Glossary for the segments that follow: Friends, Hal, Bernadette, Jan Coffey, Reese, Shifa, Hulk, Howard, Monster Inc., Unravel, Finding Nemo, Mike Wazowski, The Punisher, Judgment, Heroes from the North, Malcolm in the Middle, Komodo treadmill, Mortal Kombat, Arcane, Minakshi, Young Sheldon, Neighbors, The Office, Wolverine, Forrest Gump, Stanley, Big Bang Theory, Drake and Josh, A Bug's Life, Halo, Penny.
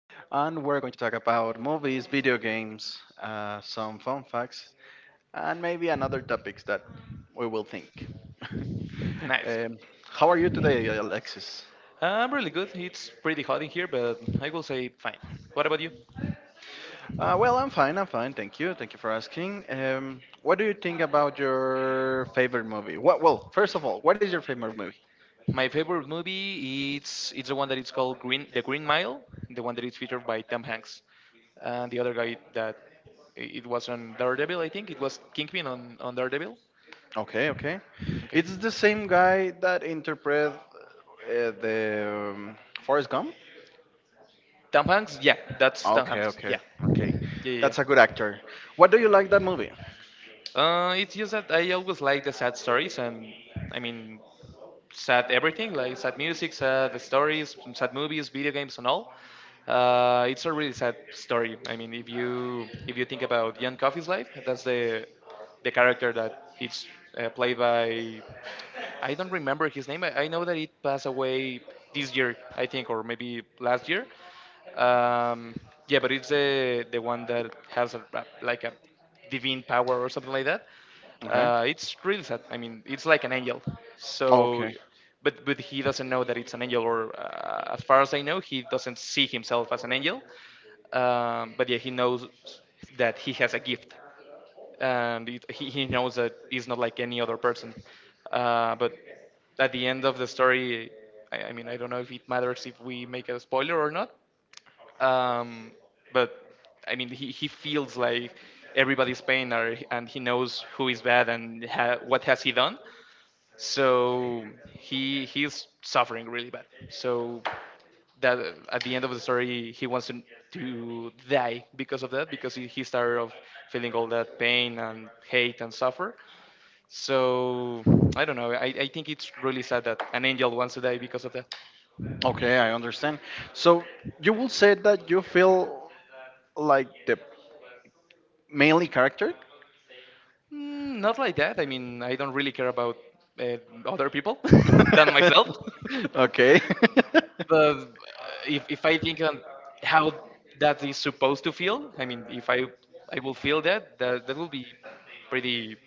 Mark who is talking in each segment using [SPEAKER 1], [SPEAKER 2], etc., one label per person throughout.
[SPEAKER 1] and we're going to talk about movies, video games, some fun facts, and maybe another topics that we will think.
[SPEAKER 2] Nice.
[SPEAKER 1] um, how are you today, Alexis?
[SPEAKER 2] I'm really good. It's pretty hot in here, but I will say fine. What about you?
[SPEAKER 1] Well, I'm fine, thank you for asking. What do you think about your favorite movie? Well, first of all, what is your favorite movie?
[SPEAKER 2] My favorite movie it's the one that it's called Green The Green Mile, the one that is featured by Tom Hanks, and the other guy that it was on Daredevil. I think it was Kingpin on Daredevil.
[SPEAKER 1] Okay, okay.
[SPEAKER 2] Okay.
[SPEAKER 1] It's the same guy that interpret the Forrest Gump.
[SPEAKER 2] Tom Hanks. Yeah, that's Tom
[SPEAKER 1] Okay,
[SPEAKER 2] Hanks. Yeah.
[SPEAKER 1] okay.
[SPEAKER 2] Yeah. Yeah.
[SPEAKER 1] That's a good
[SPEAKER 2] Yeah.
[SPEAKER 1] actor. What do you like that movie?
[SPEAKER 2] It's just that I always like the sad stories, and I mean, sad everything, like sad music, sad stories, sad movies, video games, and all. It's a really sad story. I mean, if you think about Jan Coffey's life, that's the character that it's played by I don't remember his name. I know that it passed away this year, I think, or maybe last year. Um, yeah, but it's the one that has like a divine power or something like that.
[SPEAKER 1] Okay.
[SPEAKER 2] It's really sad. I mean, it's like an angel. So,
[SPEAKER 1] Okay.
[SPEAKER 2] but he doesn't know that it's an angel, or as far as I know, he doesn't see himself as an angel. But yeah, he knows that he has a gift and he knows that he's not like any other person. But at the end of the story, I mean, I don't know if it matters if we make a spoiler or not. Um, but I mean, he feels like everybody's pain, and he knows who is bad and what has he done. So he's suffering really bad. So that at the end of the story, he wants to die because of that, because he started of feeling all that pain and hate and suffer. So I don't know. I think it's really sad that an angel wants to die because of that.
[SPEAKER 1] Okay, I understand. So you will say that you feel like the mainly character?
[SPEAKER 2] Not like that. I mean, I don't really care about uh, other people than myself.
[SPEAKER 1] okay.
[SPEAKER 2] But if I think on how that is supposed to feel, I mean, if I I will feel that, that will be pretty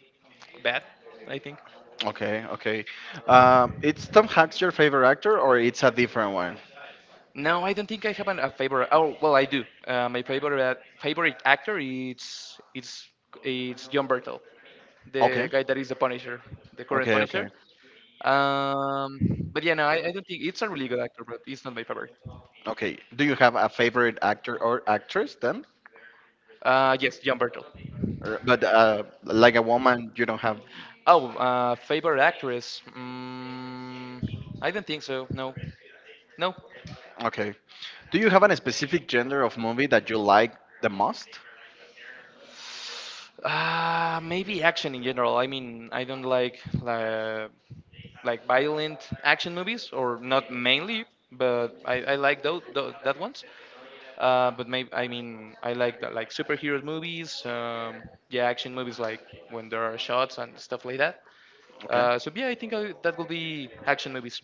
[SPEAKER 2] bad. I think.
[SPEAKER 1] Okay, okay. It's Tom Hanks your favorite actor, or it's a different one?
[SPEAKER 2] No, I don't think I have a favorite. Oh, well, I do. My favorite favorite actor is it's John Bertel, the
[SPEAKER 1] Okay,
[SPEAKER 2] guy that is the Punisher, the current
[SPEAKER 1] okay,
[SPEAKER 2] Punisher.
[SPEAKER 1] okay,
[SPEAKER 2] Um, but yeah, no, I don't think it's a really good actor, but it's not my favorite.
[SPEAKER 1] okay. Do you have a favorite actor or actress then?
[SPEAKER 2] Yes, John Bertel.
[SPEAKER 1] Or, but like a woman, you don't have.
[SPEAKER 2] Oh, favorite actress? I don't think so. No, no.
[SPEAKER 1] Okay. Do you have a specific genre of movie that you like the most?
[SPEAKER 2] Maybe action in general. I mean, I don't uh, like violent action movies, or not mainly, but I like those, that ones. But maybe I like that, like superhero movies, yeah, action movies like when there are shots and stuff like that.
[SPEAKER 1] Okay.
[SPEAKER 2] So yeah, that will be action movies.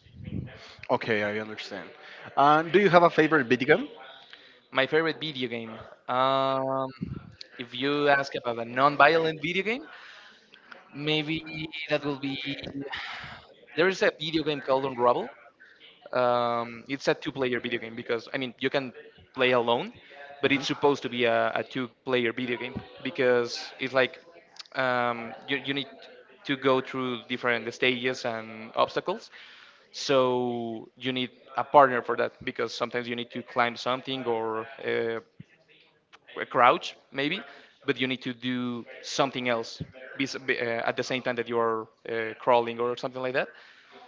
[SPEAKER 1] Okay, I understand. Do you have a favorite video game?
[SPEAKER 2] My favorite video game. Um, if you ask about a non-violent video game, maybe that will be there is a video game called Unravel. It's a two-player video game because I mean you can play alone, but
[SPEAKER 1] Mhm.
[SPEAKER 2] it's supposed to be a two-player video game because it's like you need to go through different stages and obstacles. So you need a partner for that because sometimes you need to climb something or a crouch maybe, but you need to do something else at the same time that you are crawling or something like that.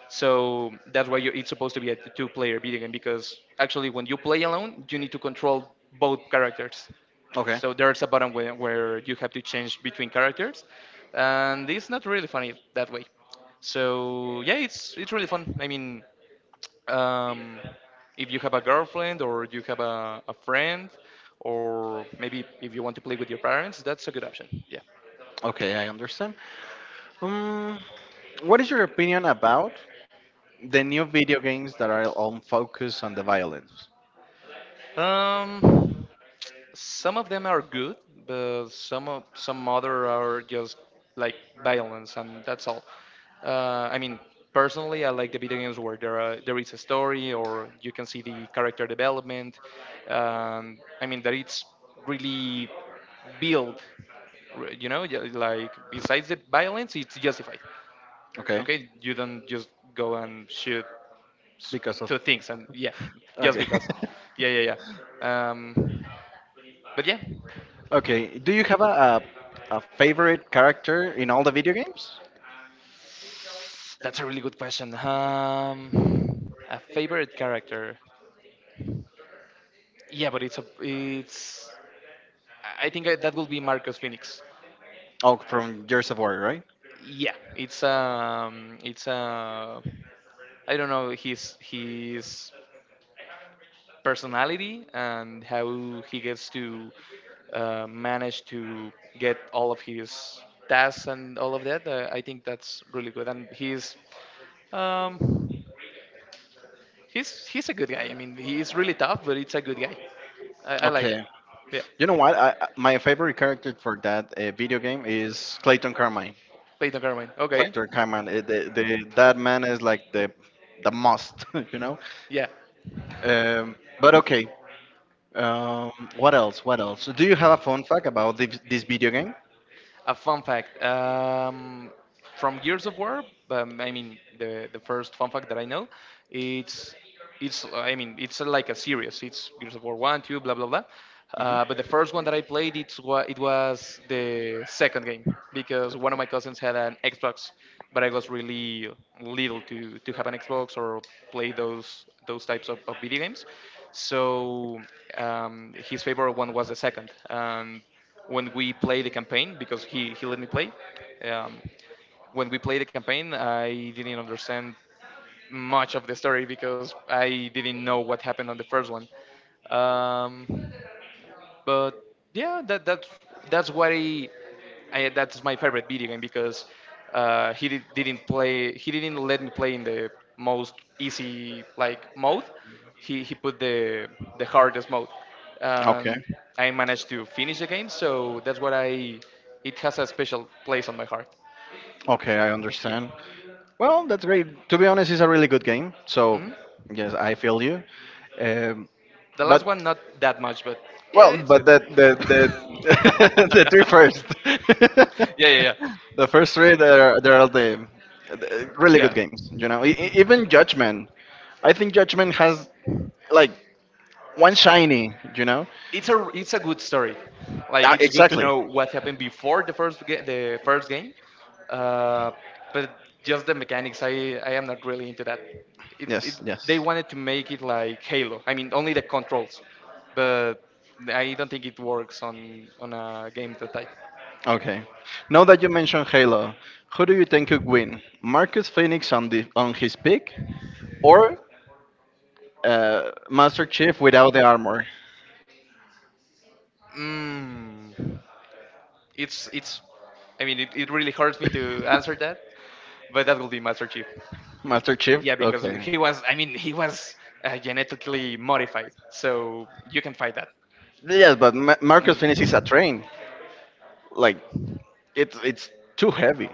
[SPEAKER 2] So that's why it's supposed to be a two-player video game because actually, when you play alone, you need to control both characters.
[SPEAKER 1] Okay.
[SPEAKER 2] So there's a button where you have to change between characters, and it's not really funny that way. So yeah, it's really fun. I mean, um, if you have a girlfriend or you have a friend, or maybe if you want to play with your parents, that's a good option. Yeah.
[SPEAKER 1] Okay, I understand. Um, what is your opinion about the new video games that are on focus on the violence?
[SPEAKER 2] Um, Some of them are good, but some other are just like violence, and that's all. I mean, personally, I like the video games where there is a story, or you can see the character development. I mean that it's really built, you know, yeah, like besides the violence, it's justified.
[SPEAKER 1] Okay,
[SPEAKER 2] Okay, you don't just go and shoot s-
[SPEAKER 1] because of.
[SPEAKER 2] two things and yeah, just
[SPEAKER 1] Okay.
[SPEAKER 2] because. Yeah, yeah, yeah. Um, but yeah,
[SPEAKER 1] Okay, do you have a favorite character in all the video games?
[SPEAKER 2] That's a really good question. A favorite character? Yeah, but it's a it's. That will be Marcus Phoenix.
[SPEAKER 1] Oh, from Gears of War, right?
[SPEAKER 2] Yeah, it's I don't know his personality and how he gets to manage to get all of his tasks and all of that. I think that's really good, and um, he's a good guy. I mean, he's really tough, but it's a good guy. I like that.
[SPEAKER 1] Okay.
[SPEAKER 2] Yeah.
[SPEAKER 1] You know what? My favorite character for that video game is Clayton Carmine.
[SPEAKER 2] Clayton Carmine. Okay.
[SPEAKER 1] Clayton Carmine. That man is like the must, you know.
[SPEAKER 2] Yeah.
[SPEAKER 1] But okay. What else? What else? Do you have a fun fact about this video game?
[SPEAKER 2] A fun fact. From Gears of War. I mean, the first fun fact that I know, it's it's I mean, it's like a series. It's Gears of War one, two, blah blah blah. But the first one that I played, it was the second game because one of my cousins had an Xbox, but I was really little to have an Xbox or play those types of video games. So his favorite one was the second. And when we played the campaign, because he let me play, um, when we played the campaign, I didn't understand much of the story because I didn't know what happened on the first one. Um, but yeah, that's what I, that's my favorite video game because he didn't let me play in the most easy like mode. He put the hardest mode,
[SPEAKER 1] Okay.
[SPEAKER 2] and I managed to finish the game. So that's what I it has a special place on my heart.
[SPEAKER 1] Okay, I
[SPEAKER 2] Yeah.
[SPEAKER 1] understand. Well, that's great. To be honest, it's a really good game. So,
[SPEAKER 2] Mhm.
[SPEAKER 1] yes, I feel you. Um,
[SPEAKER 2] The last
[SPEAKER 1] but
[SPEAKER 2] one not that much, but yeah,
[SPEAKER 1] well,
[SPEAKER 2] it's
[SPEAKER 1] but
[SPEAKER 2] yeah,
[SPEAKER 1] the three first,
[SPEAKER 2] yeah, yeah,
[SPEAKER 1] the first three, they're all the really
[SPEAKER 2] yeah.
[SPEAKER 1] good games. You know, E- e-
[SPEAKER 2] Mhm.
[SPEAKER 1] even Judgment. I think Judgment has like one shiny, you know?
[SPEAKER 2] It's a good story. Like
[SPEAKER 1] Uh,
[SPEAKER 2] it's good to
[SPEAKER 1] exactly.
[SPEAKER 2] know what happened before the the first game, uh, but just the mechanics. I am not really into that. It
[SPEAKER 1] Yes, yes.
[SPEAKER 2] They wanted to make it like Halo. I mean only the controls, but I don't think it works on a game that type.
[SPEAKER 1] Okay. Now that you mentioned Halo, who do you think could win? Marcus Phoenix on his peak or Master Chief without the armor?
[SPEAKER 2] Mm. It's it's. I mean, it really hurts me to answer that, but that will be Master Chief.
[SPEAKER 1] Master Chief?
[SPEAKER 2] Yeah, because he
[SPEAKER 1] Okay.
[SPEAKER 2] was. I mean, he was genetically modified, so you can fight that.
[SPEAKER 1] Yes, but Marcus Phoenix is a
[SPEAKER 2] Mm.
[SPEAKER 1] train. Like it's too heavy.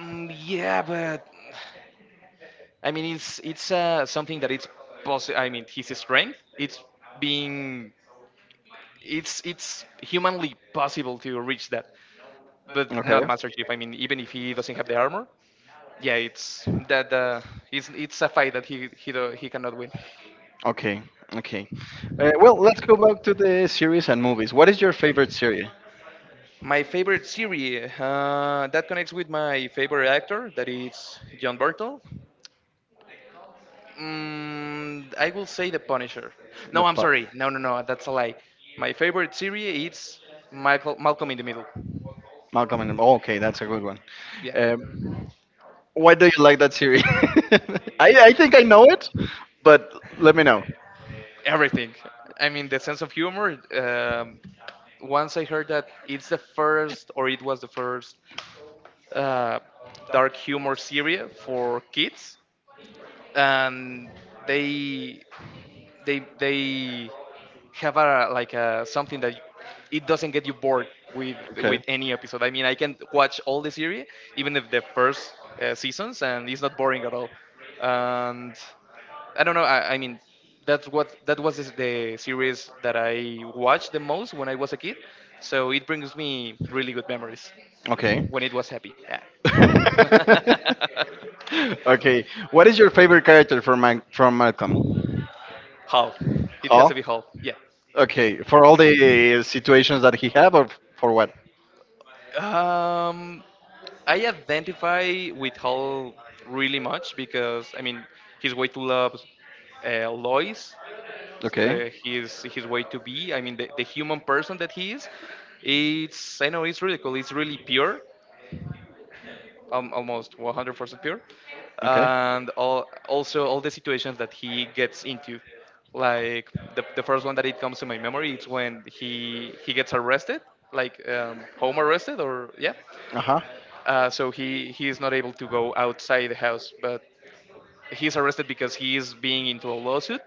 [SPEAKER 2] Yeah, but I mean, it's something that it's possible. I mean, his strength. It's being. It's humanly possible to reach that, but not
[SPEAKER 1] Okay.
[SPEAKER 2] Master Chief. I mean, even if he doesn't have the armor, yeah, it's a fight that he cannot win.
[SPEAKER 1] Okay. Okay. Well, let's go back to the series and movies. What is your favorite series?
[SPEAKER 2] My favorite series that connects with my favorite actor, that is John Burtle. I will say The Punisher. No, I'm sorry. No, no, no. That's a lie. My favorite series is Michael
[SPEAKER 1] The
[SPEAKER 2] Malcolm in the Middle.
[SPEAKER 1] Malcolm and, oh, okay, that's a good one.
[SPEAKER 2] Yeah,
[SPEAKER 1] Um, why do you like that series? I think I know it, but let me know.
[SPEAKER 2] everything. I mean, the sense of humor. Once I heard that it's the first, or it was the first, uh, dark humor series for kids, and they they have a like a something that it doesn't get you bored with
[SPEAKER 1] Okay.
[SPEAKER 2] any episode. I mean, I can watch all the series, even if the first seasons, and it's not boring at all. And I don't know. I mean, that's what that was is the series that I watched the most when I was a kid. So it brings me really good memories
[SPEAKER 1] Okay.
[SPEAKER 2] when it was happy. Yeah.
[SPEAKER 1] okay. What is your favorite character from from Malcolm?
[SPEAKER 2] Hulk. It has
[SPEAKER 1] Hall.
[SPEAKER 2] to be Hulk. Yeah.
[SPEAKER 1] Okay. For all the situations that he have, or for what?
[SPEAKER 2] Um, I identify with Hall really much because I mean his way to love Lois,
[SPEAKER 1] Okay.
[SPEAKER 2] his way to be. I mean the human person that he is. It's I know it's really cool. It's really pure, almost 100% pure,
[SPEAKER 1] Okay.
[SPEAKER 2] and all, also all the situations that he gets into. Like the first one that it comes to my memory, it's when he gets arrested, like home arrested or yeah,
[SPEAKER 1] Uh huh.
[SPEAKER 2] so he is not able to go outside the house, but he's arrested because he is being into a lawsuit.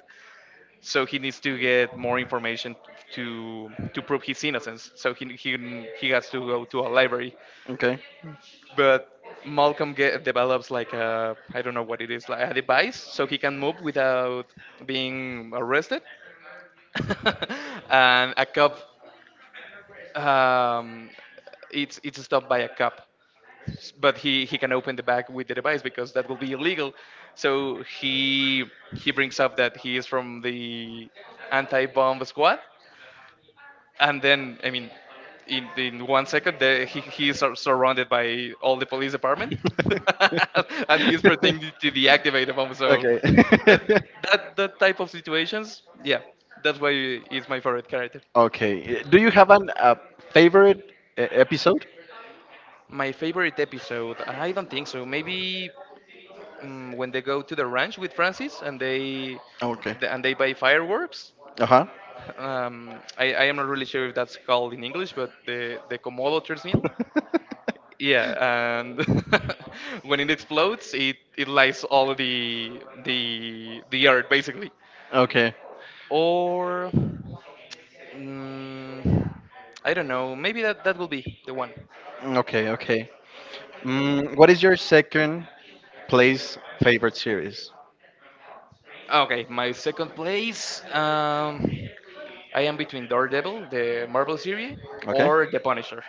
[SPEAKER 2] So he needs to get more information to prove his innocence. So he has to go to a library,
[SPEAKER 1] Okay.
[SPEAKER 2] but Malcolm develops like a I don't know what it is like a device, so he can move without being arrested. and a cop, um, it's stopped by a cop, but he can open the bag with the device because that will be illegal. So he brings up that he is from the anti-bomb squad, and in one second the, he is surrounded by all the police department, and he is pretending to deactivate the bomb. So
[SPEAKER 1] okay.
[SPEAKER 2] that that type of situations, yeah, that's why he's my favorite character.
[SPEAKER 1] Okay. Do you have an a favorite episode?
[SPEAKER 2] My favorite episode? I don't think so. Maybe when they go to the ranch with Francis and they
[SPEAKER 1] Okay.
[SPEAKER 2] and they buy fireworks.
[SPEAKER 1] Uh huh.
[SPEAKER 2] I am not really sure if that's called in English, but the Komodo treadmill. Yeah, and when it explodes, it lights all the earth basically.
[SPEAKER 1] okay.
[SPEAKER 2] Or mm, I don't know. Maybe that will be the one.
[SPEAKER 1] Okay. Okay. What is your second place favorite series?
[SPEAKER 2] Okay, my second place. I am between Daredevil, the Marvel series,
[SPEAKER 1] Okay.
[SPEAKER 2] or The Punisher.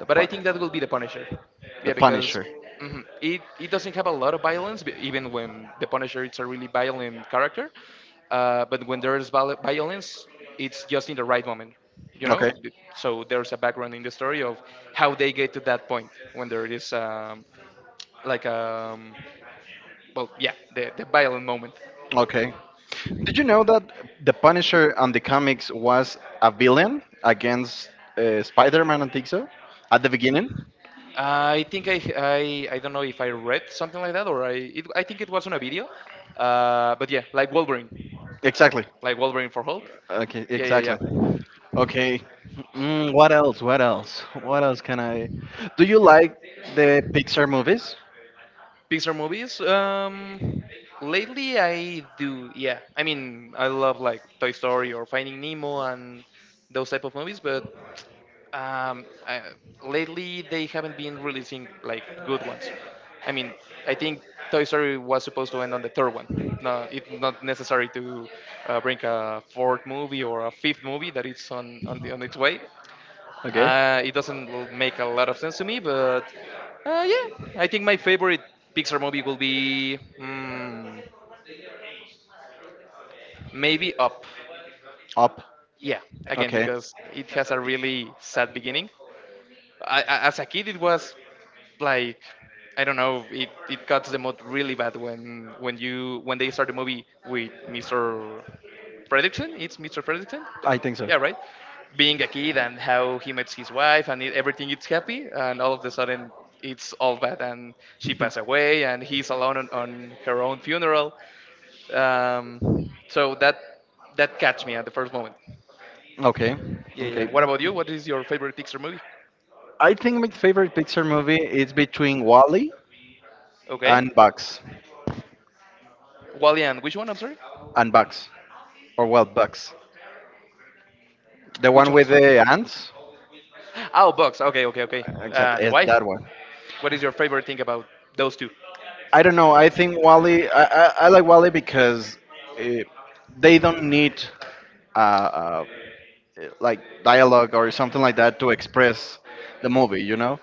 [SPEAKER 1] The
[SPEAKER 2] But I
[SPEAKER 1] pun-
[SPEAKER 2] think that will be the Punisher.
[SPEAKER 1] the
[SPEAKER 2] Yeah, because
[SPEAKER 1] Punisher.
[SPEAKER 2] it doesn't have a lot of violence, even when the Punisher it's a really violent character. But when there's violence, it's just in the right moment, you know?
[SPEAKER 1] Okay.
[SPEAKER 2] So there's a background in the story of how they get to that point when there is like, um, yeah, the violent moment.
[SPEAKER 1] Okay. Did you know that the Punisher on the comics was a villain against Spider-Man and so at the beginning?
[SPEAKER 2] Uh, I think I, I I don't know if I read something like that or I think it was on a video, but yeah,
[SPEAKER 1] Exactly.
[SPEAKER 2] like Wolverine for Hulk.
[SPEAKER 1] Okay,
[SPEAKER 2] Yeah, yeah,
[SPEAKER 1] exactly.
[SPEAKER 2] yeah.
[SPEAKER 1] Okay. What else? What else? What else can I? Do you like the Pixar movies?
[SPEAKER 2] Pixar movies. Lately I do. Yeah, I mean I love like Toy Story or Finding Nemo and those type of movies, but um, I, lately they haven't been releasing like good ones. I mean, I think Toy Story was supposed to end on the third one. No, it's not necessary to bring a fourth movie or a fifth movie that is on its way.
[SPEAKER 1] Okay.
[SPEAKER 2] It doesn't l- make a lot of sense to me, but yeah, I think my favorite Pixar movie will be maybe Up.
[SPEAKER 1] Up.
[SPEAKER 2] Yeah, again
[SPEAKER 1] Okay.
[SPEAKER 2] because it has a really sad beginning. As a kid, it was like I don't know. It got to the mood really bad when they start the movie with Mr. Fredrickson. It's Mr. Fredrickson.
[SPEAKER 1] I think so.
[SPEAKER 2] Yeah, right. Being a kid and how he meets his wife and everything, it's happy, and all of a sudden it's all bad and she passed away and he's alone on her own funeral. So that catch me at the first moment.
[SPEAKER 1] Okay.
[SPEAKER 2] Yeah, yeah, yeah.
[SPEAKER 1] Okay.
[SPEAKER 2] What about you? What is your favorite Pixar movie?
[SPEAKER 1] I think my favorite Pixar movie is between Wally
[SPEAKER 2] Okay.
[SPEAKER 1] and Bugs.
[SPEAKER 2] Wally and which one? I'm sorry.
[SPEAKER 1] And Bugs. Or well, Bugs. The
[SPEAKER 2] Which
[SPEAKER 1] one
[SPEAKER 2] one
[SPEAKER 1] with
[SPEAKER 2] is what?
[SPEAKER 1] the ants.
[SPEAKER 2] Oh, bugs. Okay, okay, okay.
[SPEAKER 1] Exactly.
[SPEAKER 2] And
[SPEAKER 1] It's
[SPEAKER 2] why?
[SPEAKER 1] that one.
[SPEAKER 2] What is your favorite thing about those two?
[SPEAKER 1] I don't know. I think Wally. I like Wally because eh, they don't need uh, uh, like dialogue or something like that to express the movie. You know,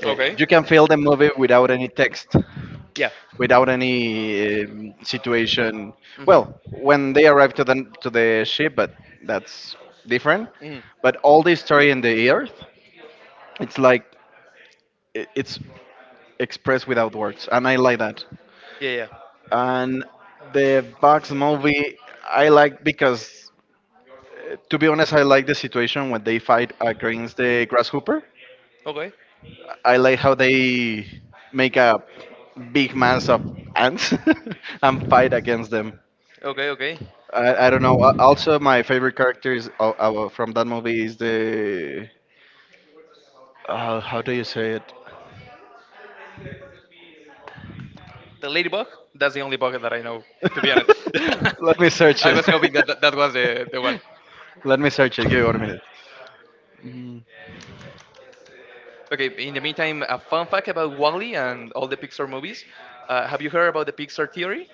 [SPEAKER 2] Okay.
[SPEAKER 1] You can feel the movie without any text,
[SPEAKER 2] Yeah.
[SPEAKER 1] without any situation. Well,
[SPEAKER 2] Mm-hmm.
[SPEAKER 1] when they arrive to the ship, but that's different.
[SPEAKER 2] Mm.
[SPEAKER 1] But all the story in the earth, it's like it's expressed without words, and I like that.
[SPEAKER 2] Yeah, yeah.
[SPEAKER 1] And the Bugs movie, I like because, to be honest, I like the situation when they fight against the grasshopper.
[SPEAKER 2] Okay.
[SPEAKER 1] I like how they make a big mass of ants and fight against them.
[SPEAKER 2] Okay, okay.
[SPEAKER 1] I don't know. Also, my favorite character is from that movie is the how do you say it?
[SPEAKER 2] The ladybug? That's the only bug that I know, to be honest.
[SPEAKER 1] Let me search
[SPEAKER 2] I
[SPEAKER 1] it.
[SPEAKER 2] was hoping that that was the one.
[SPEAKER 1] Let me search it. Give me 1 minute. Mm.
[SPEAKER 2] Okay, in the meantime, a fun fact about Wally and all the Pixar movies. Have you heard about the Pixar theory?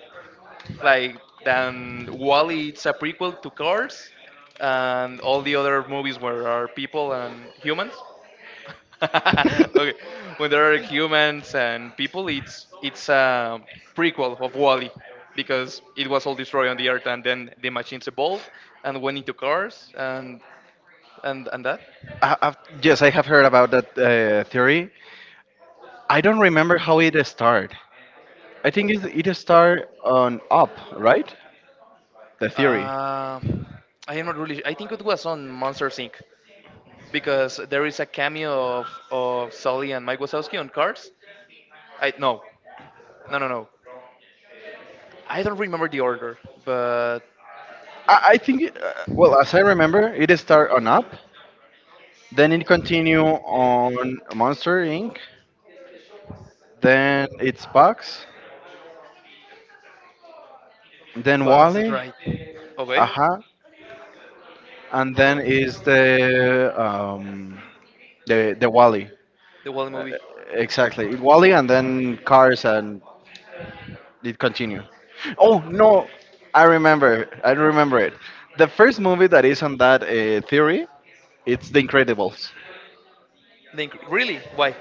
[SPEAKER 2] Like then Wally it's a prequel to Cars, and all the other movies where are people and humans. Okay, when there are humans and people, it's a prequel of Wally because it was all destroyed on the earth, and then the machines evolved and went into cars and and that.
[SPEAKER 1] I, I've, yes, I have heard about that theory. I don't remember how it started. I think it started on Up, right? The theory.
[SPEAKER 2] Uh, I am not really. I think it was on Monsters Inc. because there is a cameo of Sully and Mike Wazowski on Cars. I no, No, no, no. I don't remember the order, but
[SPEAKER 1] I think, well, as I remember, it start on Up, then it continue on Monster Inc., then it's Bugs, then
[SPEAKER 2] Bugs, that's
[SPEAKER 1] Wally,
[SPEAKER 2] right. Okay,
[SPEAKER 1] Aha, and then is the Wally.
[SPEAKER 2] the Wally
[SPEAKER 1] Uh,
[SPEAKER 2] movie.
[SPEAKER 1] exactly, Wally, and then Cars, and it continue. Oh no, I remember it. The first movie that is on that theory, it's The Incredibles.
[SPEAKER 2] Really? Why?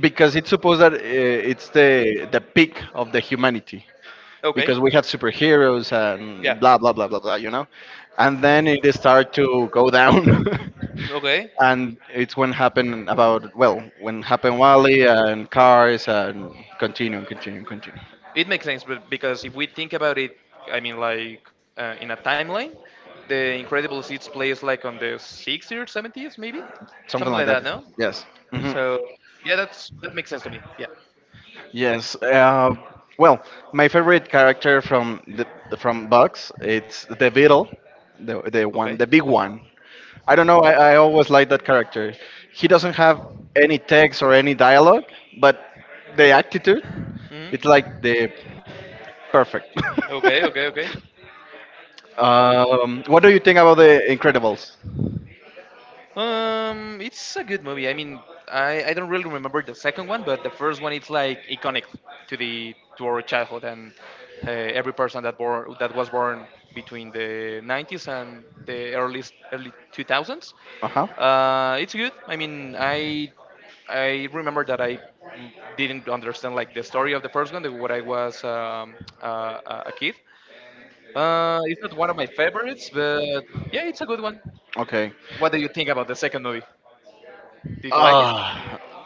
[SPEAKER 1] Because it's supposed that it's the peak of the humanity
[SPEAKER 2] Okay,
[SPEAKER 1] because we have superheroes
[SPEAKER 2] yeah.
[SPEAKER 1] and blah blah blah blah blah. And then it start to go down
[SPEAKER 2] Okay,
[SPEAKER 1] and it's when happened about well when happened wally and cars and continue.
[SPEAKER 2] it makes sense, but because if we think about it, I mean, like in a timeline, the Incredible Seeds plays like on the 60s or 70s, maybe,
[SPEAKER 1] Something
[SPEAKER 2] something
[SPEAKER 1] like
[SPEAKER 2] like
[SPEAKER 1] that.
[SPEAKER 2] that. No.
[SPEAKER 1] Yes. Hmm.
[SPEAKER 2] So yeah, that's that makes sense to me. Yeah.
[SPEAKER 1] Yes. Well, my favorite character from Bugs, it's the beetle, the one,
[SPEAKER 2] Okay.
[SPEAKER 1] the big one. I don't know. I always like that character. He doesn't have any text or any dialogue, but the attitude,
[SPEAKER 2] Hmm.
[SPEAKER 1] it's like the perfect.
[SPEAKER 2] Okay. Okay. Okay.
[SPEAKER 1] What do you think about the Incredibles?
[SPEAKER 2] It's a good movie. I don't really remember the second one, but the first one it's like iconic to the to our childhood and every person that born that was born between the 90s and the early 2000s.
[SPEAKER 1] Uh huh.
[SPEAKER 2] It's good. I remember that I didn't understand like the story of the first one, the, what I was a kid. It's not one of my favorites, but yeah, it's a good one.
[SPEAKER 1] Okay.
[SPEAKER 2] What do you think about the second movie? Did you like it?
[SPEAKER 1] Ah,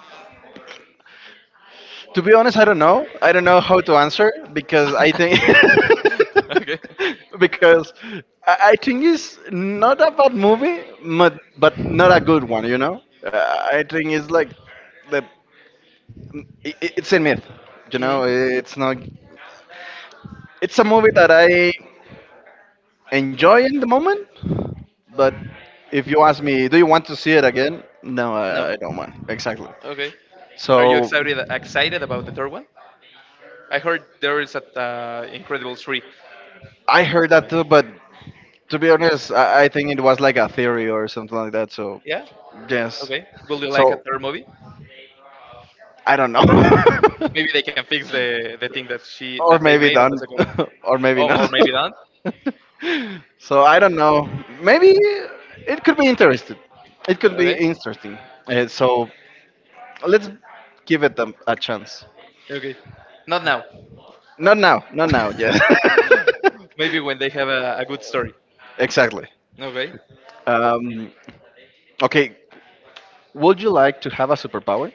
[SPEAKER 1] To be honest, I don't know. I don't know how to answer because I think
[SPEAKER 2] Okay.
[SPEAKER 1] because I think it's not a bad movie, but not a good one. You know, I think it's like the it's a myth. You
[SPEAKER 2] Hmm.
[SPEAKER 1] know, it's not. It's a movie that I enjoy in the moment, but if you ask me, do you want to see it again? No,
[SPEAKER 2] No.
[SPEAKER 1] I don't want. Exactly.
[SPEAKER 2] Okay. Are you
[SPEAKER 1] So.
[SPEAKER 2] excited about the third one? I heard there is a Incredible three
[SPEAKER 1] I heard that
[SPEAKER 2] coming.
[SPEAKER 1] too, but to be honest, I think it was like a theory or something like that. So
[SPEAKER 2] Yeah.
[SPEAKER 1] yes,
[SPEAKER 2] Okay. Will you like a
[SPEAKER 1] so
[SPEAKER 2] third movie?
[SPEAKER 1] I don't know,
[SPEAKER 2] Maybe they can fix the thing that she
[SPEAKER 1] or
[SPEAKER 2] that they
[SPEAKER 1] maybe
[SPEAKER 2] made on the
[SPEAKER 1] done,
[SPEAKER 2] second one.
[SPEAKER 1] or maybe
[SPEAKER 2] Oh, or
[SPEAKER 1] not.
[SPEAKER 2] maybe not.
[SPEAKER 1] so I don't know. Maybe it could be interesting. It could be
[SPEAKER 2] Okay.
[SPEAKER 1] interesting. So let's give it a chance.
[SPEAKER 2] Okay. Not now.
[SPEAKER 1] Not now. Not now. Yeah.
[SPEAKER 2] Maybe when they have a good story.
[SPEAKER 1] exactly.
[SPEAKER 2] Okay.
[SPEAKER 1] Um, okay, would you like to have a superpower?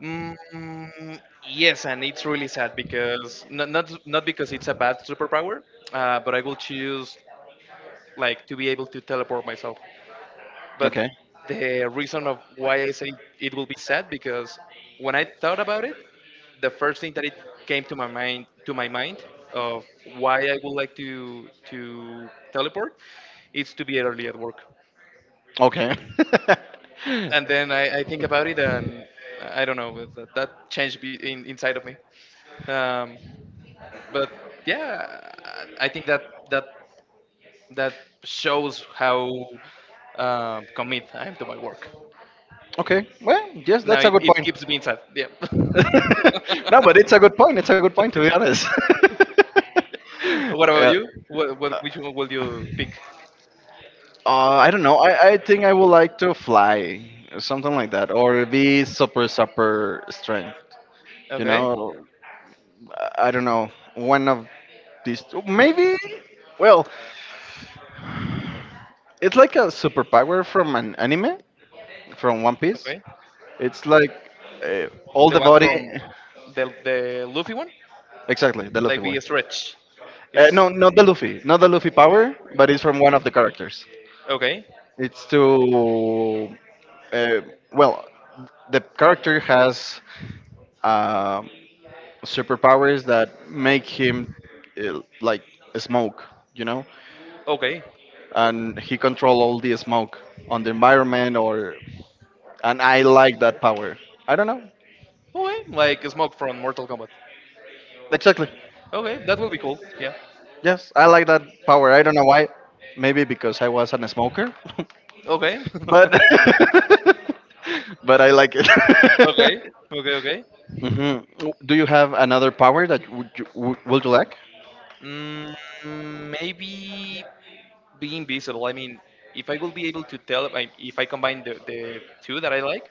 [SPEAKER 2] Mm, yes, and it's really sad because not because it's a bad superpower, but I will choose like to be able to teleport myself. But
[SPEAKER 1] Okay.
[SPEAKER 2] the reason of why I say it will be sad because when I thought about it, the first thing that it came to my mind of why I would like to teleport is to be early at work.
[SPEAKER 1] Okay.
[SPEAKER 2] And then I think about it and I don't know that changed inside of me. Um, but yeah, I think that that that shows how commit I am to my work.
[SPEAKER 1] Okay. Well, yes,
[SPEAKER 2] Now
[SPEAKER 1] that's a good
[SPEAKER 2] it
[SPEAKER 1] point.
[SPEAKER 2] keeps being sad. Yeah.
[SPEAKER 1] no, but it's a good point. It's a good point to be honest.
[SPEAKER 2] What about
[SPEAKER 1] yeah.
[SPEAKER 2] you? What Which one will you pick?
[SPEAKER 1] I don't know. I think I would like to fly, or something like that, or be super super strength. You
[SPEAKER 2] Okay.
[SPEAKER 1] know, I don't know. One of these, maybe. Well, it's like a superpower from an anime, from One Piece.
[SPEAKER 2] Okay.
[SPEAKER 1] It's like uh, all
[SPEAKER 2] The
[SPEAKER 1] the
[SPEAKER 2] one
[SPEAKER 1] body.
[SPEAKER 2] from the Luffy one,
[SPEAKER 1] Exactly, the Luffy
[SPEAKER 2] like
[SPEAKER 1] one.
[SPEAKER 2] the stretch. It's
[SPEAKER 1] No, not the Luffy power, but it's from one of the characters.
[SPEAKER 2] okay.
[SPEAKER 1] It's to, uh, well, the character has. um superpowers that make him like smoke, you know,
[SPEAKER 2] Okay.
[SPEAKER 1] and he control all the smoke on the environment or and I like that power. I don't know.
[SPEAKER 2] Okay. Like smoke from Mortal Kombat.
[SPEAKER 1] Exactly.
[SPEAKER 2] Okay, that will be cool. Yeah.
[SPEAKER 1] Yes, I like that power. I don't know why. Maybe because I was a smoker,
[SPEAKER 2] Okay.
[SPEAKER 1] but but I like it.
[SPEAKER 2] Okay. Okay. Okay.
[SPEAKER 1] hmm Do you have another power that would you like?
[SPEAKER 2] Mm, Maybe be invisible. I mean, if I will be able to tell, if I combine the two that I like,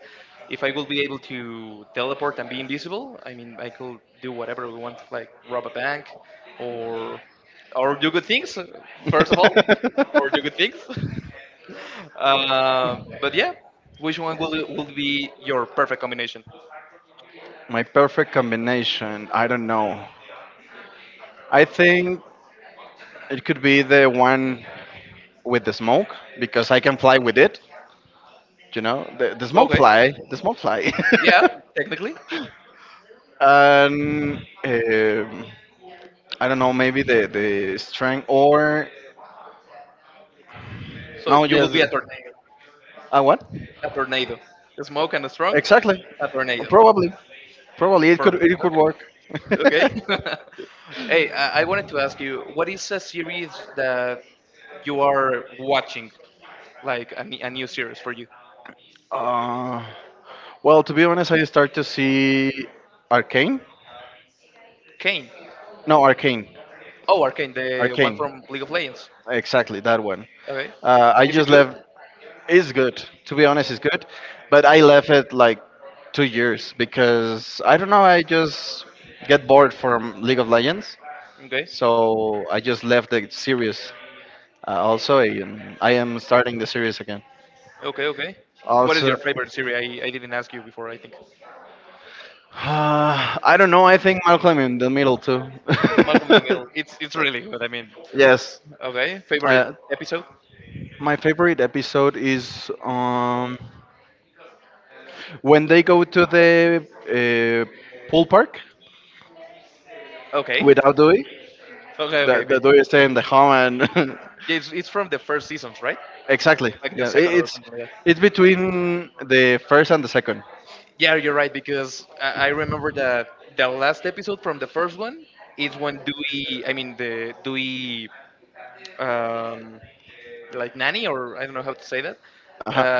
[SPEAKER 2] if I will be able to teleport and be invisible, I mean, I could do whatever we want, like rob a bank, or or do good things. First of all, or do good things. But yeah, which one will be your perfect combination?
[SPEAKER 1] My perfect combination. I don't know. I think it could be the one with the smoke because I can fly with it. You know, the smoke
[SPEAKER 2] Okay,
[SPEAKER 1] fly, the smoke fly.
[SPEAKER 2] yeah, technically.
[SPEAKER 1] and um, I don't know, maybe the strength or
[SPEAKER 2] So
[SPEAKER 1] no,
[SPEAKER 2] you will
[SPEAKER 1] just
[SPEAKER 2] be a,
[SPEAKER 1] what?
[SPEAKER 2] a tornado, a smoke and a strong,
[SPEAKER 1] Exactly.
[SPEAKER 2] a tornado.
[SPEAKER 1] Probably, probably it could
[SPEAKER 2] Perfect.
[SPEAKER 1] it could work.
[SPEAKER 2] Okay. Okay. Hey, I wanted to ask you, what is a series that you are watching, like a, a new series for you?
[SPEAKER 1] uh, well, to be honest, I start to see Arcane.
[SPEAKER 2] Kane.
[SPEAKER 1] No, Arcane,
[SPEAKER 2] Oh, Arcane, the one
[SPEAKER 1] Arcane.
[SPEAKER 2] from League of Legends.
[SPEAKER 1] Exactly that one.
[SPEAKER 2] Okay.
[SPEAKER 1] I
[SPEAKER 2] Is it
[SPEAKER 1] just
[SPEAKER 2] good?
[SPEAKER 1] left. It's good. To be honest, it's good, but I left it like 2 years because I don't know. I just get bored from League of Legends,
[SPEAKER 2] Okay.
[SPEAKER 1] so I just left the series. Also, I am starting the series again.
[SPEAKER 2] Okay. Okay. What is your
[SPEAKER 1] Also,
[SPEAKER 2] favorite series? I didn't ask you before. I think
[SPEAKER 1] I don't know. I think Malcolm in the Middle too.
[SPEAKER 2] Malcolm in the Middle. It's really good. I mean,
[SPEAKER 1] yes.
[SPEAKER 2] okay. Favorite
[SPEAKER 1] Uh,
[SPEAKER 2] episode?
[SPEAKER 1] my favorite episode is. When they go to the pool park
[SPEAKER 2] Okay.
[SPEAKER 1] without Dewey,
[SPEAKER 2] Okay. Okay.
[SPEAKER 1] the
[SPEAKER 2] Okay.
[SPEAKER 1] Dewey stay in the home and
[SPEAKER 2] Yeah, it's from the first seasons, right?
[SPEAKER 1] exactly.
[SPEAKER 2] Like the
[SPEAKER 1] Yeah, it,
[SPEAKER 2] second or
[SPEAKER 1] it's
[SPEAKER 2] something like that.
[SPEAKER 1] it's between the first and the second.
[SPEAKER 2] Yeah, you're right because I remember that the last episode from the first one is when Dewey, I mean the Dewey, um, like nanny or I don't know how to say that,
[SPEAKER 1] Uh-huh.
[SPEAKER 2] uh,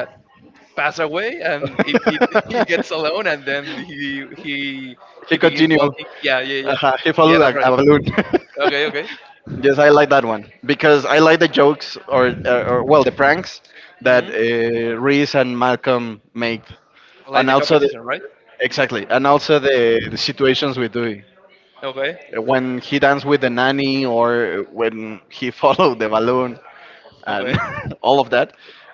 [SPEAKER 2] pass away and it gets alone and then
[SPEAKER 1] He
[SPEAKER 2] he begins
[SPEAKER 1] continued.
[SPEAKER 2] walking. Yeah, yeah, yeah,
[SPEAKER 1] He
[SPEAKER 2] yeah.
[SPEAKER 1] followed
[SPEAKER 2] That's right.
[SPEAKER 1] a balloon.
[SPEAKER 2] Okay, okay.
[SPEAKER 1] yes, I like that one because I like the jokes or well, the pranks that
[SPEAKER 2] Hmm.
[SPEAKER 1] Reese and Malcolm made, and
[SPEAKER 2] Like the
[SPEAKER 1] also the,
[SPEAKER 2] competition, right?
[SPEAKER 1] exactly, and also the, situations with Dewey
[SPEAKER 2] Okay,
[SPEAKER 1] when he danced with the nanny or when he followed the balloon and
[SPEAKER 2] okay,
[SPEAKER 1] all of that.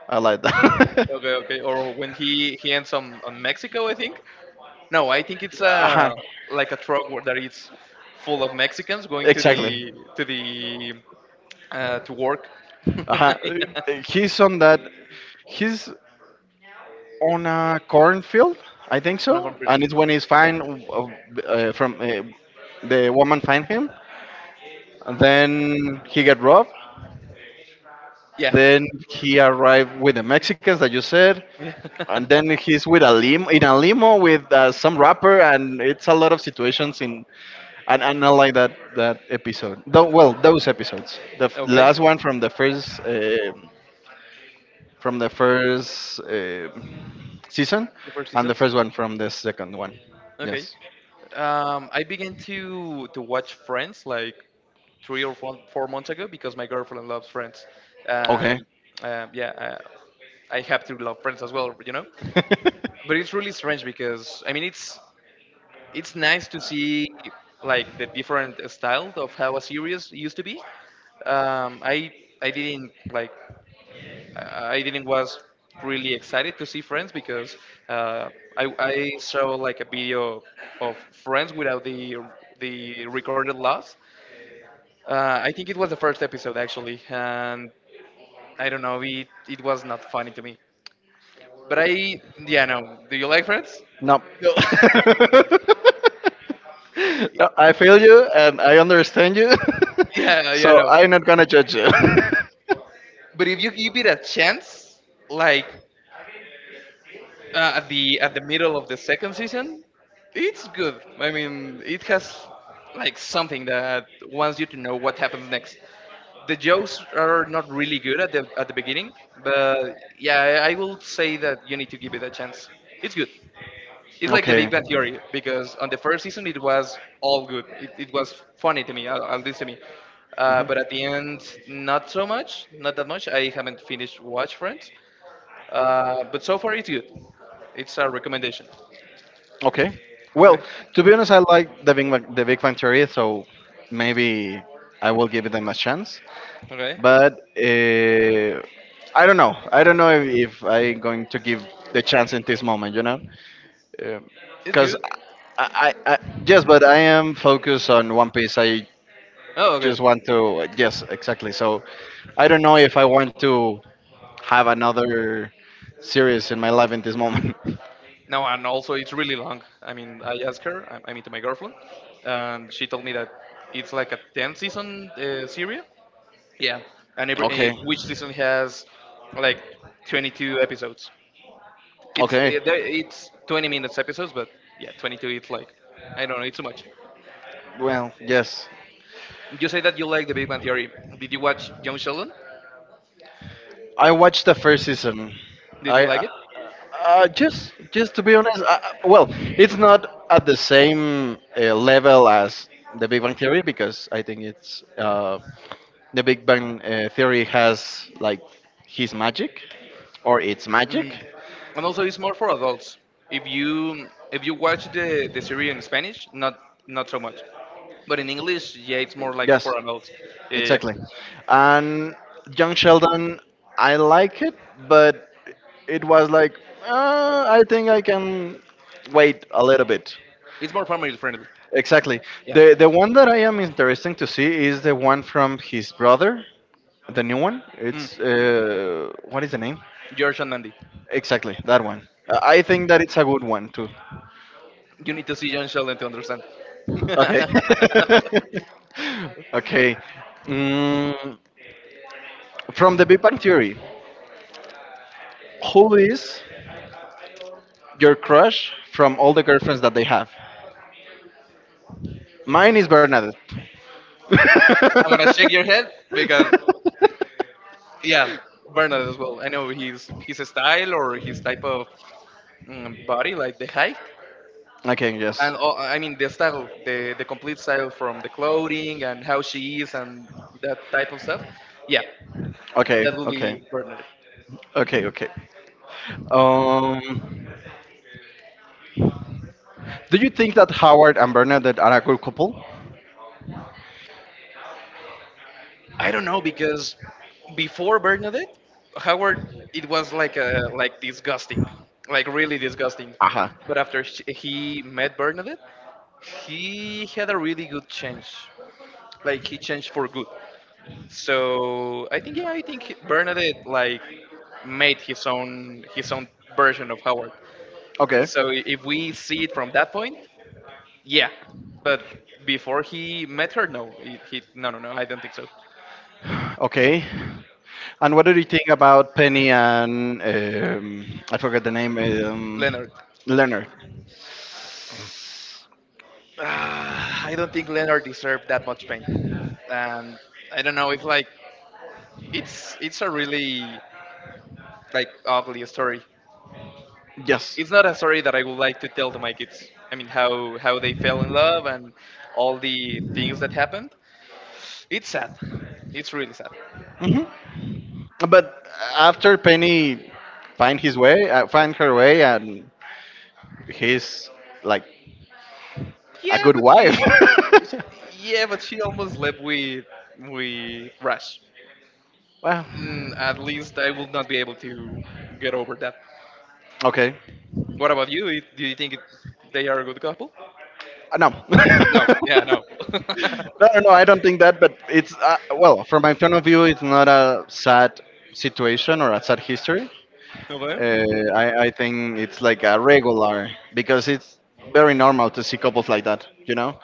[SPEAKER 1] I like that.
[SPEAKER 2] okay, okay. Or when he ends on Mexico, I think. No, I think it's
[SPEAKER 1] uh
[SPEAKER 2] a Like a truck that is full of Mexicans going
[SPEAKER 1] exactly.
[SPEAKER 2] to the to work.
[SPEAKER 1] Uh-huh.
[SPEAKER 2] Yeah.
[SPEAKER 1] He's on that. He's on a cornfield, I think so.
[SPEAKER 2] From prison.
[SPEAKER 1] And it's when he's fine from the woman find him. And then he get robbed.
[SPEAKER 2] Yeah.
[SPEAKER 1] Then he arrived with the Mexicans that you said.
[SPEAKER 2] Yeah.
[SPEAKER 1] And then he's with a limo in a limo with some rapper, and it's a lot of situations in and I like that episode. Those episodes. The f-
[SPEAKER 2] Okay.
[SPEAKER 1] last one from the first from the first uh, season
[SPEAKER 2] The first
[SPEAKER 1] and the
[SPEAKER 2] seasons.
[SPEAKER 1] first one from the second one.
[SPEAKER 2] Okay.
[SPEAKER 1] Yes.
[SPEAKER 2] I began to watch Friends like three or four, 4 months ago because my girlfriend loves Friends,
[SPEAKER 1] Okay.
[SPEAKER 2] and yeah, I have to love Friends as well, you know. But it's really strange because it's nice to see like the different style of how a series used to be. Um, I I didn't like I didn't was really excited to see Friends because uh, I saw like a video of Friends without the recorded loss. I think it was the first episode actually, and I don't know, it was not funny to me. But I yeah no. Do you like Friends?
[SPEAKER 1] No.
[SPEAKER 2] No.
[SPEAKER 1] No, I feel you and I understand you,
[SPEAKER 2] Yeah yeah
[SPEAKER 1] so
[SPEAKER 2] no.
[SPEAKER 1] I'm not gonna judge you.
[SPEAKER 2] But if you give it a chance, like at the middle of the second season, it's good. I mean, it has like something that wants you to know what happens next. The jokes are not really good at the beginning, but yeah, I will say that you need to give it a chance. It's good. It's like the
[SPEAKER 1] Okay.
[SPEAKER 2] Big Bang Theory because on the first season it was all good. It
[SPEAKER 1] Mhm.
[SPEAKER 2] was funny to me, at least to me. But at the end, not so much, not that much. I haven't finished Watch Friends, but so far it's good. It's a recommendation.
[SPEAKER 1] Okay. Well,
[SPEAKER 2] Okay.
[SPEAKER 1] to be honest, I like the Big Bang Theory, so maybe I will give them a chance.
[SPEAKER 2] Okay.
[SPEAKER 1] But uh, I don't know. I don't know if I'm going to give the chance in this moment, you know.
[SPEAKER 2] It's
[SPEAKER 1] Because
[SPEAKER 2] good.
[SPEAKER 1] I, I, I, yes, but I am focused on One Piece. I
[SPEAKER 2] Oh, okay.
[SPEAKER 1] just want to, yes, exactly. So I don't know if I want to have another series in my life in this moment.
[SPEAKER 2] No, and also it's really long. I mean, I asked her. I mean, to my girlfriend, and she told me that it's like a 10 season series. Yeah. And every
[SPEAKER 1] Okay,
[SPEAKER 2] which season has like 22 episodes. It's
[SPEAKER 1] okay.
[SPEAKER 2] eh, there- it's 20 minutes episodes, but yeah, 22. It's like I don't know. It's too much.
[SPEAKER 1] Well, yes.
[SPEAKER 2] You say that you like The Big Bang Theory. Did you watch Young Sheldon?
[SPEAKER 1] I watched the first season.
[SPEAKER 2] Did you
[SPEAKER 1] I
[SPEAKER 2] like it?
[SPEAKER 1] Just to be honest, well, it's not at the same level as The Big Bang Theory, because I think it's The Big Bang Theory has like his magic or its magic.
[SPEAKER 2] Mhm. And also, it's more for adults. If you watch the series in Spanish, not not so much. But in English, yeah, it's more like
[SPEAKER 1] Yes,
[SPEAKER 2] for adults. Yeah, yeah,
[SPEAKER 1] exactly.
[SPEAKER 2] yeah.
[SPEAKER 1] And Young Sheldon, I like it, but it was like I think I can wait a little bit.
[SPEAKER 2] It's more family friendly.
[SPEAKER 1] Exactly.
[SPEAKER 2] Yeah.
[SPEAKER 1] The one that I am interested to see is the one from his brother, the new one.
[SPEAKER 2] Mm.
[SPEAKER 1] It's what is the name?
[SPEAKER 2] George and Mandy.
[SPEAKER 1] Exactly that one. I think that it's a good one too.
[SPEAKER 2] You need to see John Sheldon to understand.
[SPEAKER 1] Okay. Okay. Mm, from the Big Bang Theory, who is your crush from all the girlfriends that they have? Mine is Bernadette.
[SPEAKER 2] I'm gonna shake your head because yeah, Bernard as well. I know his style or his type of body, like the height.
[SPEAKER 1] I can
[SPEAKER 2] And
[SPEAKER 1] guess.
[SPEAKER 2] all, I mean the style, the complete style from the clothing and how she is and that type of stuff. Yeah,
[SPEAKER 1] Okay,
[SPEAKER 2] that will
[SPEAKER 1] okay,
[SPEAKER 2] be Bernadette.
[SPEAKER 1] okay, okay. Um, do you think that Howard and Bernadette are a good couple?
[SPEAKER 2] I don't know because before Bernadette, Howard it was like a like disgusting, like really disgusting.
[SPEAKER 1] Aha.
[SPEAKER 2] But after sh he met Bernadette, he had a really good change. Like he changed for good. So I think yeah, I think Bernadette like made his own version of Howard.
[SPEAKER 1] Okay.
[SPEAKER 2] So if we see it from that point, yeah. But before he met her, no, he no no no, I don't think so.
[SPEAKER 1] Okay. And what do you think about Penny and I forget the name,
[SPEAKER 2] Leonard.
[SPEAKER 1] Leonard?
[SPEAKER 2] Ah, I don't think Leonard deserved that much pain, and I don't know if like it's a really like ugly story.
[SPEAKER 1] Yes.
[SPEAKER 2] It's not a story that I would like to tell to my kids. I mean, how they fell in love and all the things that happened. It's sad. It's really sad.
[SPEAKER 1] Hmm. But after Penny find her way, and he's like a
[SPEAKER 2] Yeah,
[SPEAKER 1] good
[SPEAKER 2] but
[SPEAKER 1] wife.
[SPEAKER 2] he. Yeah, but she almost left with Rush.
[SPEAKER 1] Well,
[SPEAKER 2] Mm, at least I will not be able to get over that.
[SPEAKER 1] okay.
[SPEAKER 2] What about you? It- Do you think it, they are a good couple?
[SPEAKER 1] No. No,
[SPEAKER 2] No. Yeah. No.
[SPEAKER 1] no, no, I don't think that, but it's, well, from my point of view, it's not a sad situation or a sad history.
[SPEAKER 2] Okay.
[SPEAKER 1] Uh, I think it's like a regular because it's very normal to see couples like that, you know?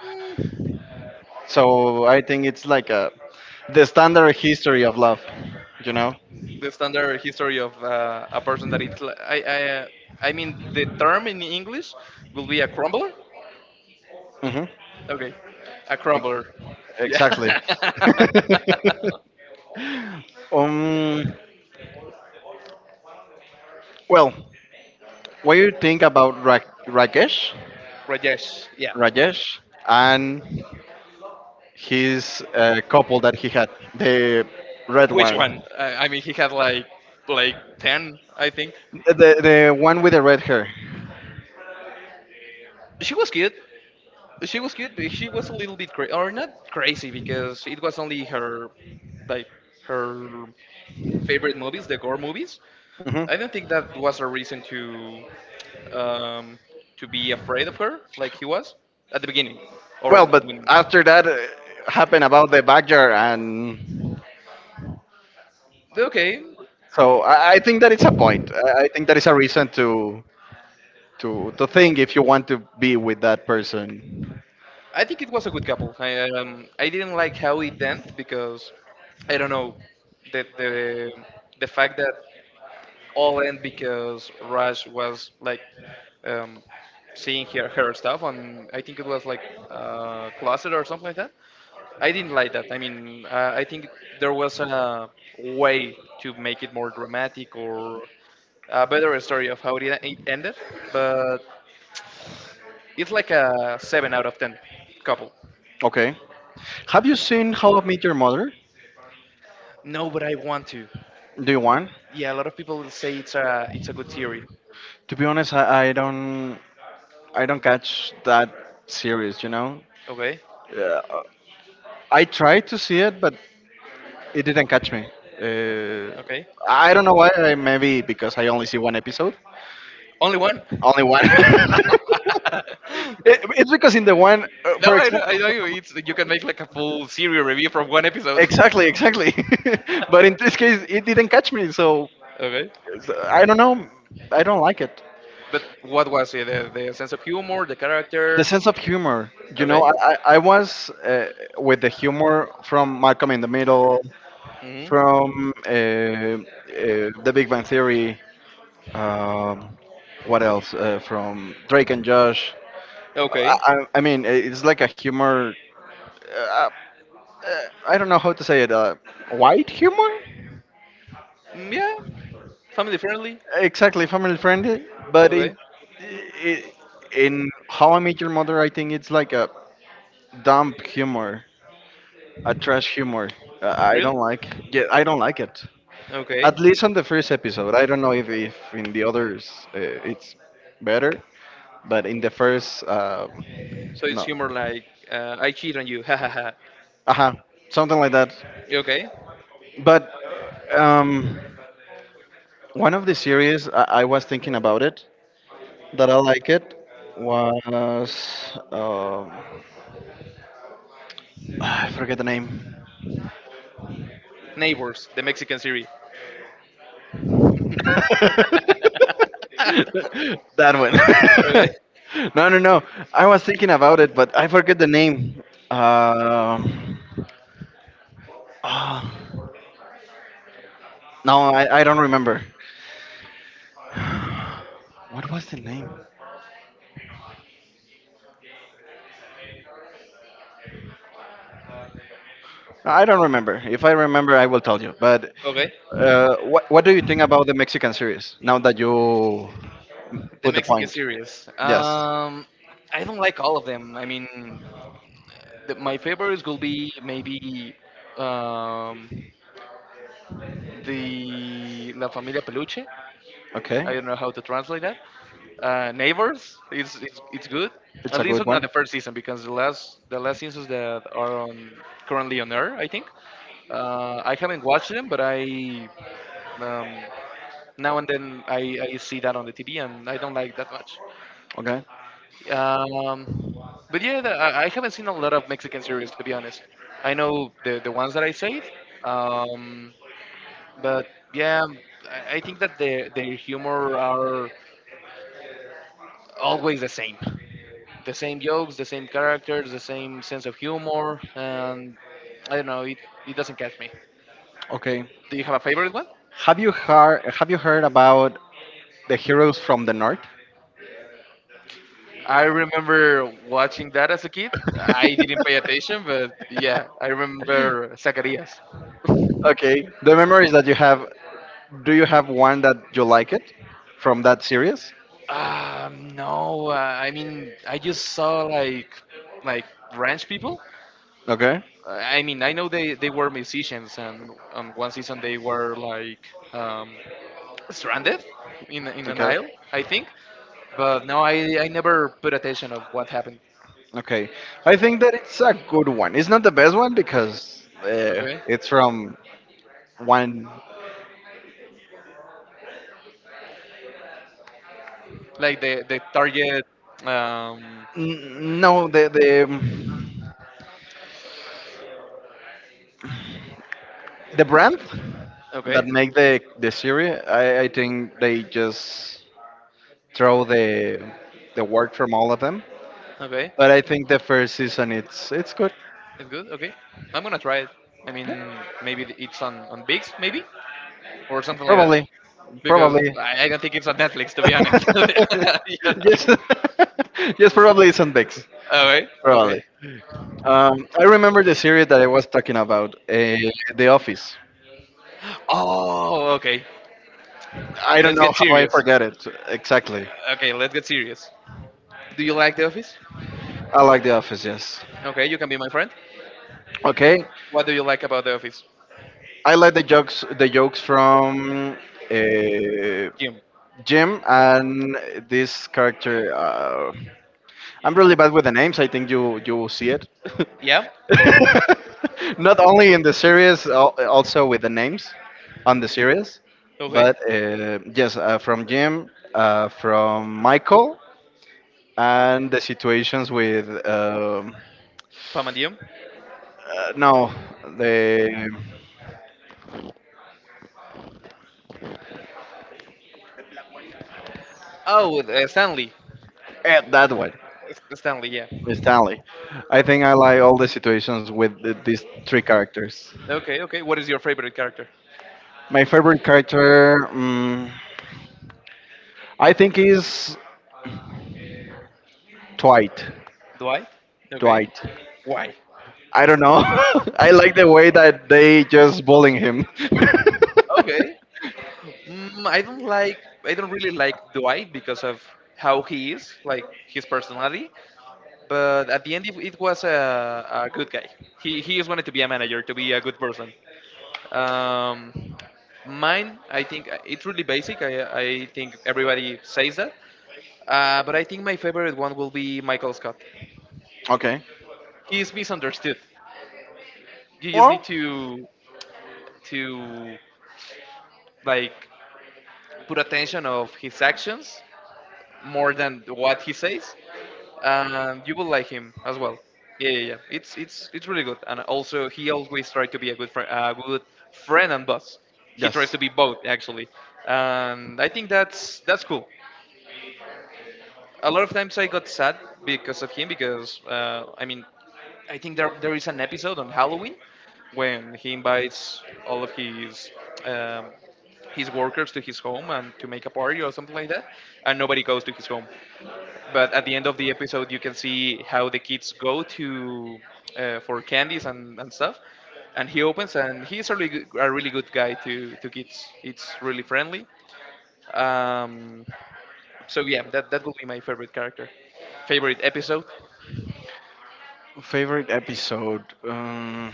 [SPEAKER 1] So I think it's like a, the standard history of love, you know?
[SPEAKER 2] The standard history of a person that it's li- I mean the term in English will be a crumbler.
[SPEAKER 1] Hmm.
[SPEAKER 2] Okay. A crumbler. Yeah.
[SPEAKER 1] Exactly. Um, well, what do you think about Rakesh?
[SPEAKER 2] Rajesh. Yeah.
[SPEAKER 1] Rajesh and his couple that he had, the red
[SPEAKER 2] Which one?
[SPEAKER 1] one,
[SPEAKER 2] I mean, he had like ten, I think.
[SPEAKER 1] the one with the red hair.
[SPEAKER 2] She was cute. She was cute. But she was a little bit crazy, or not crazy, because it was only her, like her favorite movies, the gore movies.
[SPEAKER 1] Hmm.
[SPEAKER 2] I don't think that was a reason um, to be afraid of her, like he was at the beginning, or
[SPEAKER 1] Well, but
[SPEAKER 2] when.
[SPEAKER 1] after that happened about the backyard, and
[SPEAKER 2] Okay,
[SPEAKER 1] so I think that it's a point. I think that is a reason to to think if you want to be with that person.
[SPEAKER 2] I think it was a good couple. I didn't like how it ended because I don't know the the the fact that all in because Raj was like um, seeing her stuff on I think it was like closet or something like that. I didn't like that. I mean, I think there was a way to make it more dramatic or a better story of how it ended, but it's like a 7 out of 10 couple.
[SPEAKER 1] Okay. Have you seen How I Met Your Mother?
[SPEAKER 2] No, but I want to.
[SPEAKER 1] Do you want?
[SPEAKER 2] Yeah, a lot of people say it's a good theory.
[SPEAKER 1] To be honest, I don't. I don't catch that series, you know?
[SPEAKER 2] Okay,
[SPEAKER 1] Yeah, I tried to see it, but it didn't catch me. Uh,
[SPEAKER 2] okay.
[SPEAKER 1] I don't know why, maybe because I only see one episode.
[SPEAKER 2] Only one.
[SPEAKER 1] Only one. It- it's because in the one,
[SPEAKER 2] No,
[SPEAKER 1] for
[SPEAKER 2] I know, I
[SPEAKER 1] example,
[SPEAKER 2] know. You- It's you can make like a full serial review from one episode.
[SPEAKER 1] exactly, exactly. But in this case, it didn't catch me, so
[SPEAKER 2] Okay.
[SPEAKER 1] so I don't know. I don't like it.
[SPEAKER 2] But what was it? The sense of humor, the
[SPEAKER 1] The
[SPEAKER 2] characters.
[SPEAKER 1] sense of humor, you know,
[SPEAKER 2] Okay.
[SPEAKER 1] I was with the humor from Malcolm in the Middle,
[SPEAKER 2] Hmm.
[SPEAKER 1] from The Big Bang Theory. Um, what else? From Drake and Josh. I,
[SPEAKER 2] Okay.
[SPEAKER 1] I, I mean, it's like a humor. Uh, uh, I don't know how to say it. White humor?
[SPEAKER 2] Mm, yeah. Family friendly.
[SPEAKER 1] Exactly, family friendly. But
[SPEAKER 2] Okay.
[SPEAKER 1] in i- in How I Met Your Mother, I think it's like a dump humor, a trash humor. I don't
[SPEAKER 2] Really?
[SPEAKER 1] like. Yeah, I don't like it.
[SPEAKER 2] Okay.
[SPEAKER 1] At least on the first episode. I don't know if in the others it's better, but in the first,
[SPEAKER 2] So it's
[SPEAKER 1] no.
[SPEAKER 2] humor like I cheat on you. Ha ha ha.
[SPEAKER 1] Uh-huh, something like that.
[SPEAKER 2] Okay.
[SPEAKER 1] But um, one of the series I was thinking about it that I like it was I forget the name.
[SPEAKER 2] Neighbors, the Mexican series.
[SPEAKER 1] That one.
[SPEAKER 2] Okay.
[SPEAKER 1] No, no, no. I was thinking about it, but I forget the name. Um, oh, no, I don't remember. What was the name? I don't remember. If I remember, I will tell you. But
[SPEAKER 2] Okay.
[SPEAKER 1] what do you think about the Mexican series now that you
[SPEAKER 2] The
[SPEAKER 1] put the
[SPEAKER 2] Mexican
[SPEAKER 1] point?
[SPEAKER 2] series.
[SPEAKER 1] Yes.
[SPEAKER 2] I don't like all of them. I mean, my favorites will be maybe um, the La Familia Peluche. I
[SPEAKER 1] Okay.
[SPEAKER 2] don't know how to translate that. Neighbors, it's good.
[SPEAKER 1] It's
[SPEAKER 2] At
[SPEAKER 1] a
[SPEAKER 2] least
[SPEAKER 1] good
[SPEAKER 2] on
[SPEAKER 1] one.
[SPEAKER 2] the first season, because the last seasons that are on currently on air, I think. I haven't watched them, but I um, now and then I see that on the TV, and I don't like that much.
[SPEAKER 1] Okay.
[SPEAKER 2] Um, but yeah, the, I haven't seen a lot of Mexican series to be honest. I know the ones that I said, um, but yeah, I think that their humor are always the same jokes, the same characters, the same sense of humor, and I don't know, it doesn't catch me.
[SPEAKER 1] Okay.
[SPEAKER 2] Do you have a favorite one?
[SPEAKER 1] Have you heard about the heroes from the north?
[SPEAKER 2] I remember watching that as a kid. I didn't pay attention, but yeah, I remember Zacarías.
[SPEAKER 1] Okay. The memories that you have. Do you have one that you like it from that series?
[SPEAKER 2] No, I mean, I just saw like like ranch people.
[SPEAKER 1] Okay.
[SPEAKER 2] I mean, I know they were musicians, and on one season they were like um, stranded in an
[SPEAKER 1] Okay.
[SPEAKER 2] isle, I think. But no, I never put attention of what happened.
[SPEAKER 1] Okay. I think that it's a good one. It's not the best one because
[SPEAKER 2] Okay,
[SPEAKER 1] it's from one.
[SPEAKER 2] like the target. Um,
[SPEAKER 1] No, the brand that
[SPEAKER 2] okay,
[SPEAKER 1] make the series. I think they just throw the work from all of them.
[SPEAKER 2] okay,
[SPEAKER 1] But I think the first season it's good.
[SPEAKER 2] it's good. Okay, I'm gonna try it. I mean, maybe it's on Bigs, maybe or something like that.
[SPEAKER 1] Probably,
[SPEAKER 2] Because
[SPEAKER 1] probably.
[SPEAKER 2] I don't think it's on Netflix to be honest. You know?
[SPEAKER 1] Yes, yes, probably it's on Vex.
[SPEAKER 2] All right. Okay.
[SPEAKER 1] Probably. I remember the series that I was talking about, The Office.
[SPEAKER 2] Oh, okay.
[SPEAKER 1] I don't
[SPEAKER 2] Let's
[SPEAKER 1] know
[SPEAKER 2] get
[SPEAKER 1] how I
[SPEAKER 2] serious.
[SPEAKER 1] forget it exactly.
[SPEAKER 2] Okay, let's get serious. Do you like The Office?
[SPEAKER 1] I like The Office, yes.
[SPEAKER 2] Okay, you can be my friend.
[SPEAKER 1] Okay,
[SPEAKER 2] What do you like about The Office?
[SPEAKER 1] I like the jokes from uh,
[SPEAKER 2] Jim.
[SPEAKER 1] Jim and this character. I'm really bad with the names. I think you will see it.
[SPEAKER 2] Yeah.
[SPEAKER 1] Not only in the series, al- also with the names on the series.
[SPEAKER 2] Okay.
[SPEAKER 1] But yes, from Jim, from Michael, and the situations with
[SPEAKER 2] Pam and Jim.
[SPEAKER 1] no the
[SPEAKER 2] Oh, Stanley.
[SPEAKER 1] eh, that one
[SPEAKER 2] Stanley. Yeah.
[SPEAKER 1] Stanley. I think I like all the situations with the, these three characters.
[SPEAKER 2] Okay. Okay. What is your favorite character?
[SPEAKER 1] My favorite character, mm I think, is Dwight.
[SPEAKER 2] Dwight. Okay.
[SPEAKER 1] Dwight.
[SPEAKER 2] Why?
[SPEAKER 1] I don't know. I like the way that they just bullying him.
[SPEAKER 2] Okay. Mm, I don't like. I don't really like Dwight because of how he is, like his personality. But at the end, it was a good guy. He just wanted to be a manager, to be a good person. Um, mine, I think it's really basic. I think everybody says that. But I think my favorite one will be Michael Scott.
[SPEAKER 1] Okay.
[SPEAKER 2] He is misunderstood. You just need
[SPEAKER 1] Well,
[SPEAKER 2] to like put attention of his actions more than what he says, you will like him as well. Yeah, yeah, yeah. It's really good, and also he always tries to be a good friend and boss. He tries
[SPEAKER 1] yes.
[SPEAKER 2] to be both actually, and I think that's cool. A lot of times I got sad because of him because I mean I think there is an episode on Halloween when he invites all of um, his workers to his home and to make a party or something like that, and nobody goes to his home. But at the end of the episode, you can see how the kids go to for candies and stuff. And he opens, and he's a really good guy to kids. It's really friendly. Um, so yeah, that would be my favorite character, favorite episode.
[SPEAKER 1] Favorite episode. Um,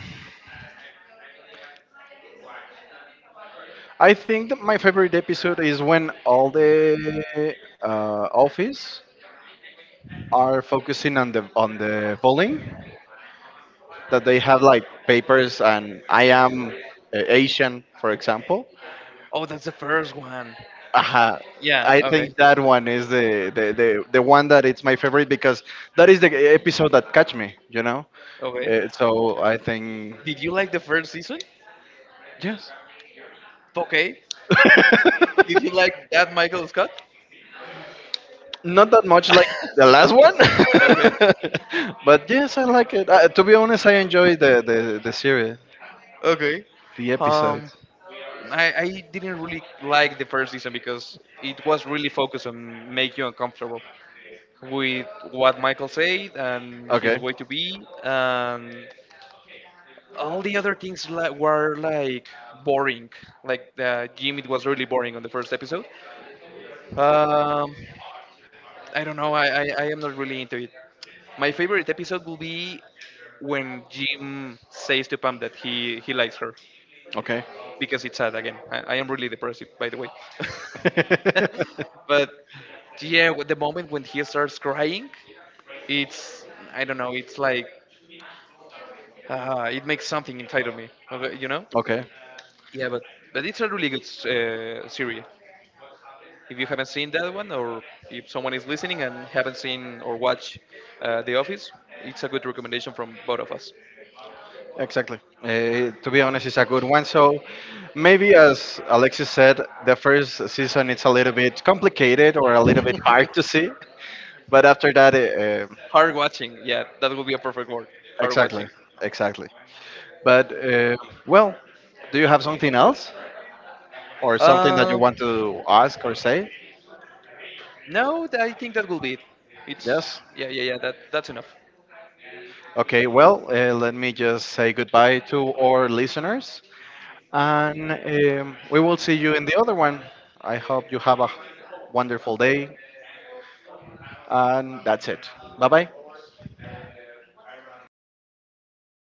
[SPEAKER 1] I think that my favorite episode is when all the office are focusing on the polling that they have like papers and I am Asian, for example.
[SPEAKER 2] Oh, that's the first one.
[SPEAKER 1] Uh,
[SPEAKER 2] Yeah.
[SPEAKER 1] I
[SPEAKER 2] Okay.
[SPEAKER 1] think that one is the one that it's my favorite because that is the episode that catch me, you know.
[SPEAKER 2] Okay.
[SPEAKER 1] So I think
[SPEAKER 2] Did you like the first season?
[SPEAKER 1] yes.
[SPEAKER 2] Okay. Did you like that Michael Scott?
[SPEAKER 1] Not that much like the last one,
[SPEAKER 2] Okay.
[SPEAKER 1] but yes, I like it. To be honest, I enjoy the series,
[SPEAKER 2] Okay.
[SPEAKER 1] the
[SPEAKER 2] Um.
[SPEAKER 1] episodes.
[SPEAKER 2] I didn't really like the first season because it was really focused on make you uncomfortable with what Michael said and
[SPEAKER 1] Okay,
[SPEAKER 2] his way to be, and all the other things like, were like boring. Like Jim, it was really boring on the first episode. Um, I don't know. I am not really into it. My favorite episode will be when Jim says to Pam that he likes her
[SPEAKER 1] okay.
[SPEAKER 2] because it's sad again. I am really depressive, by the way. But yeah, with the moment when he starts crying, it's, I don't know, it's like, it makes something inside of me okay, you know?
[SPEAKER 1] Okay,
[SPEAKER 2] Yeah, but it's a really good series. If you haven't seen that one, or if someone is listening and haven't seen or watched The Office, it's a good recommendation from both of us.
[SPEAKER 1] exactly. To be honest, it's a good one. So maybe, as Alexis said, the first season it's a little bit complicated or a little bit hard to see, but after that,
[SPEAKER 2] Hard watching, yeah, that will be a perfect word. Hard
[SPEAKER 1] exactly,
[SPEAKER 2] watching.
[SPEAKER 1] exactly. But well, do you have something else or something that you
[SPEAKER 2] Um,
[SPEAKER 1] want to ask or say?
[SPEAKER 2] no, I think that will be it. It's
[SPEAKER 1] Yes.
[SPEAKER 2] Yeah, yeah, yeah, that's enough.
[SPEAKER 1] Okay. Well, let me just say goodbye to our listeners, and we will see you in the other one. I hope you have a wonderful day, and that's it. Bye bye.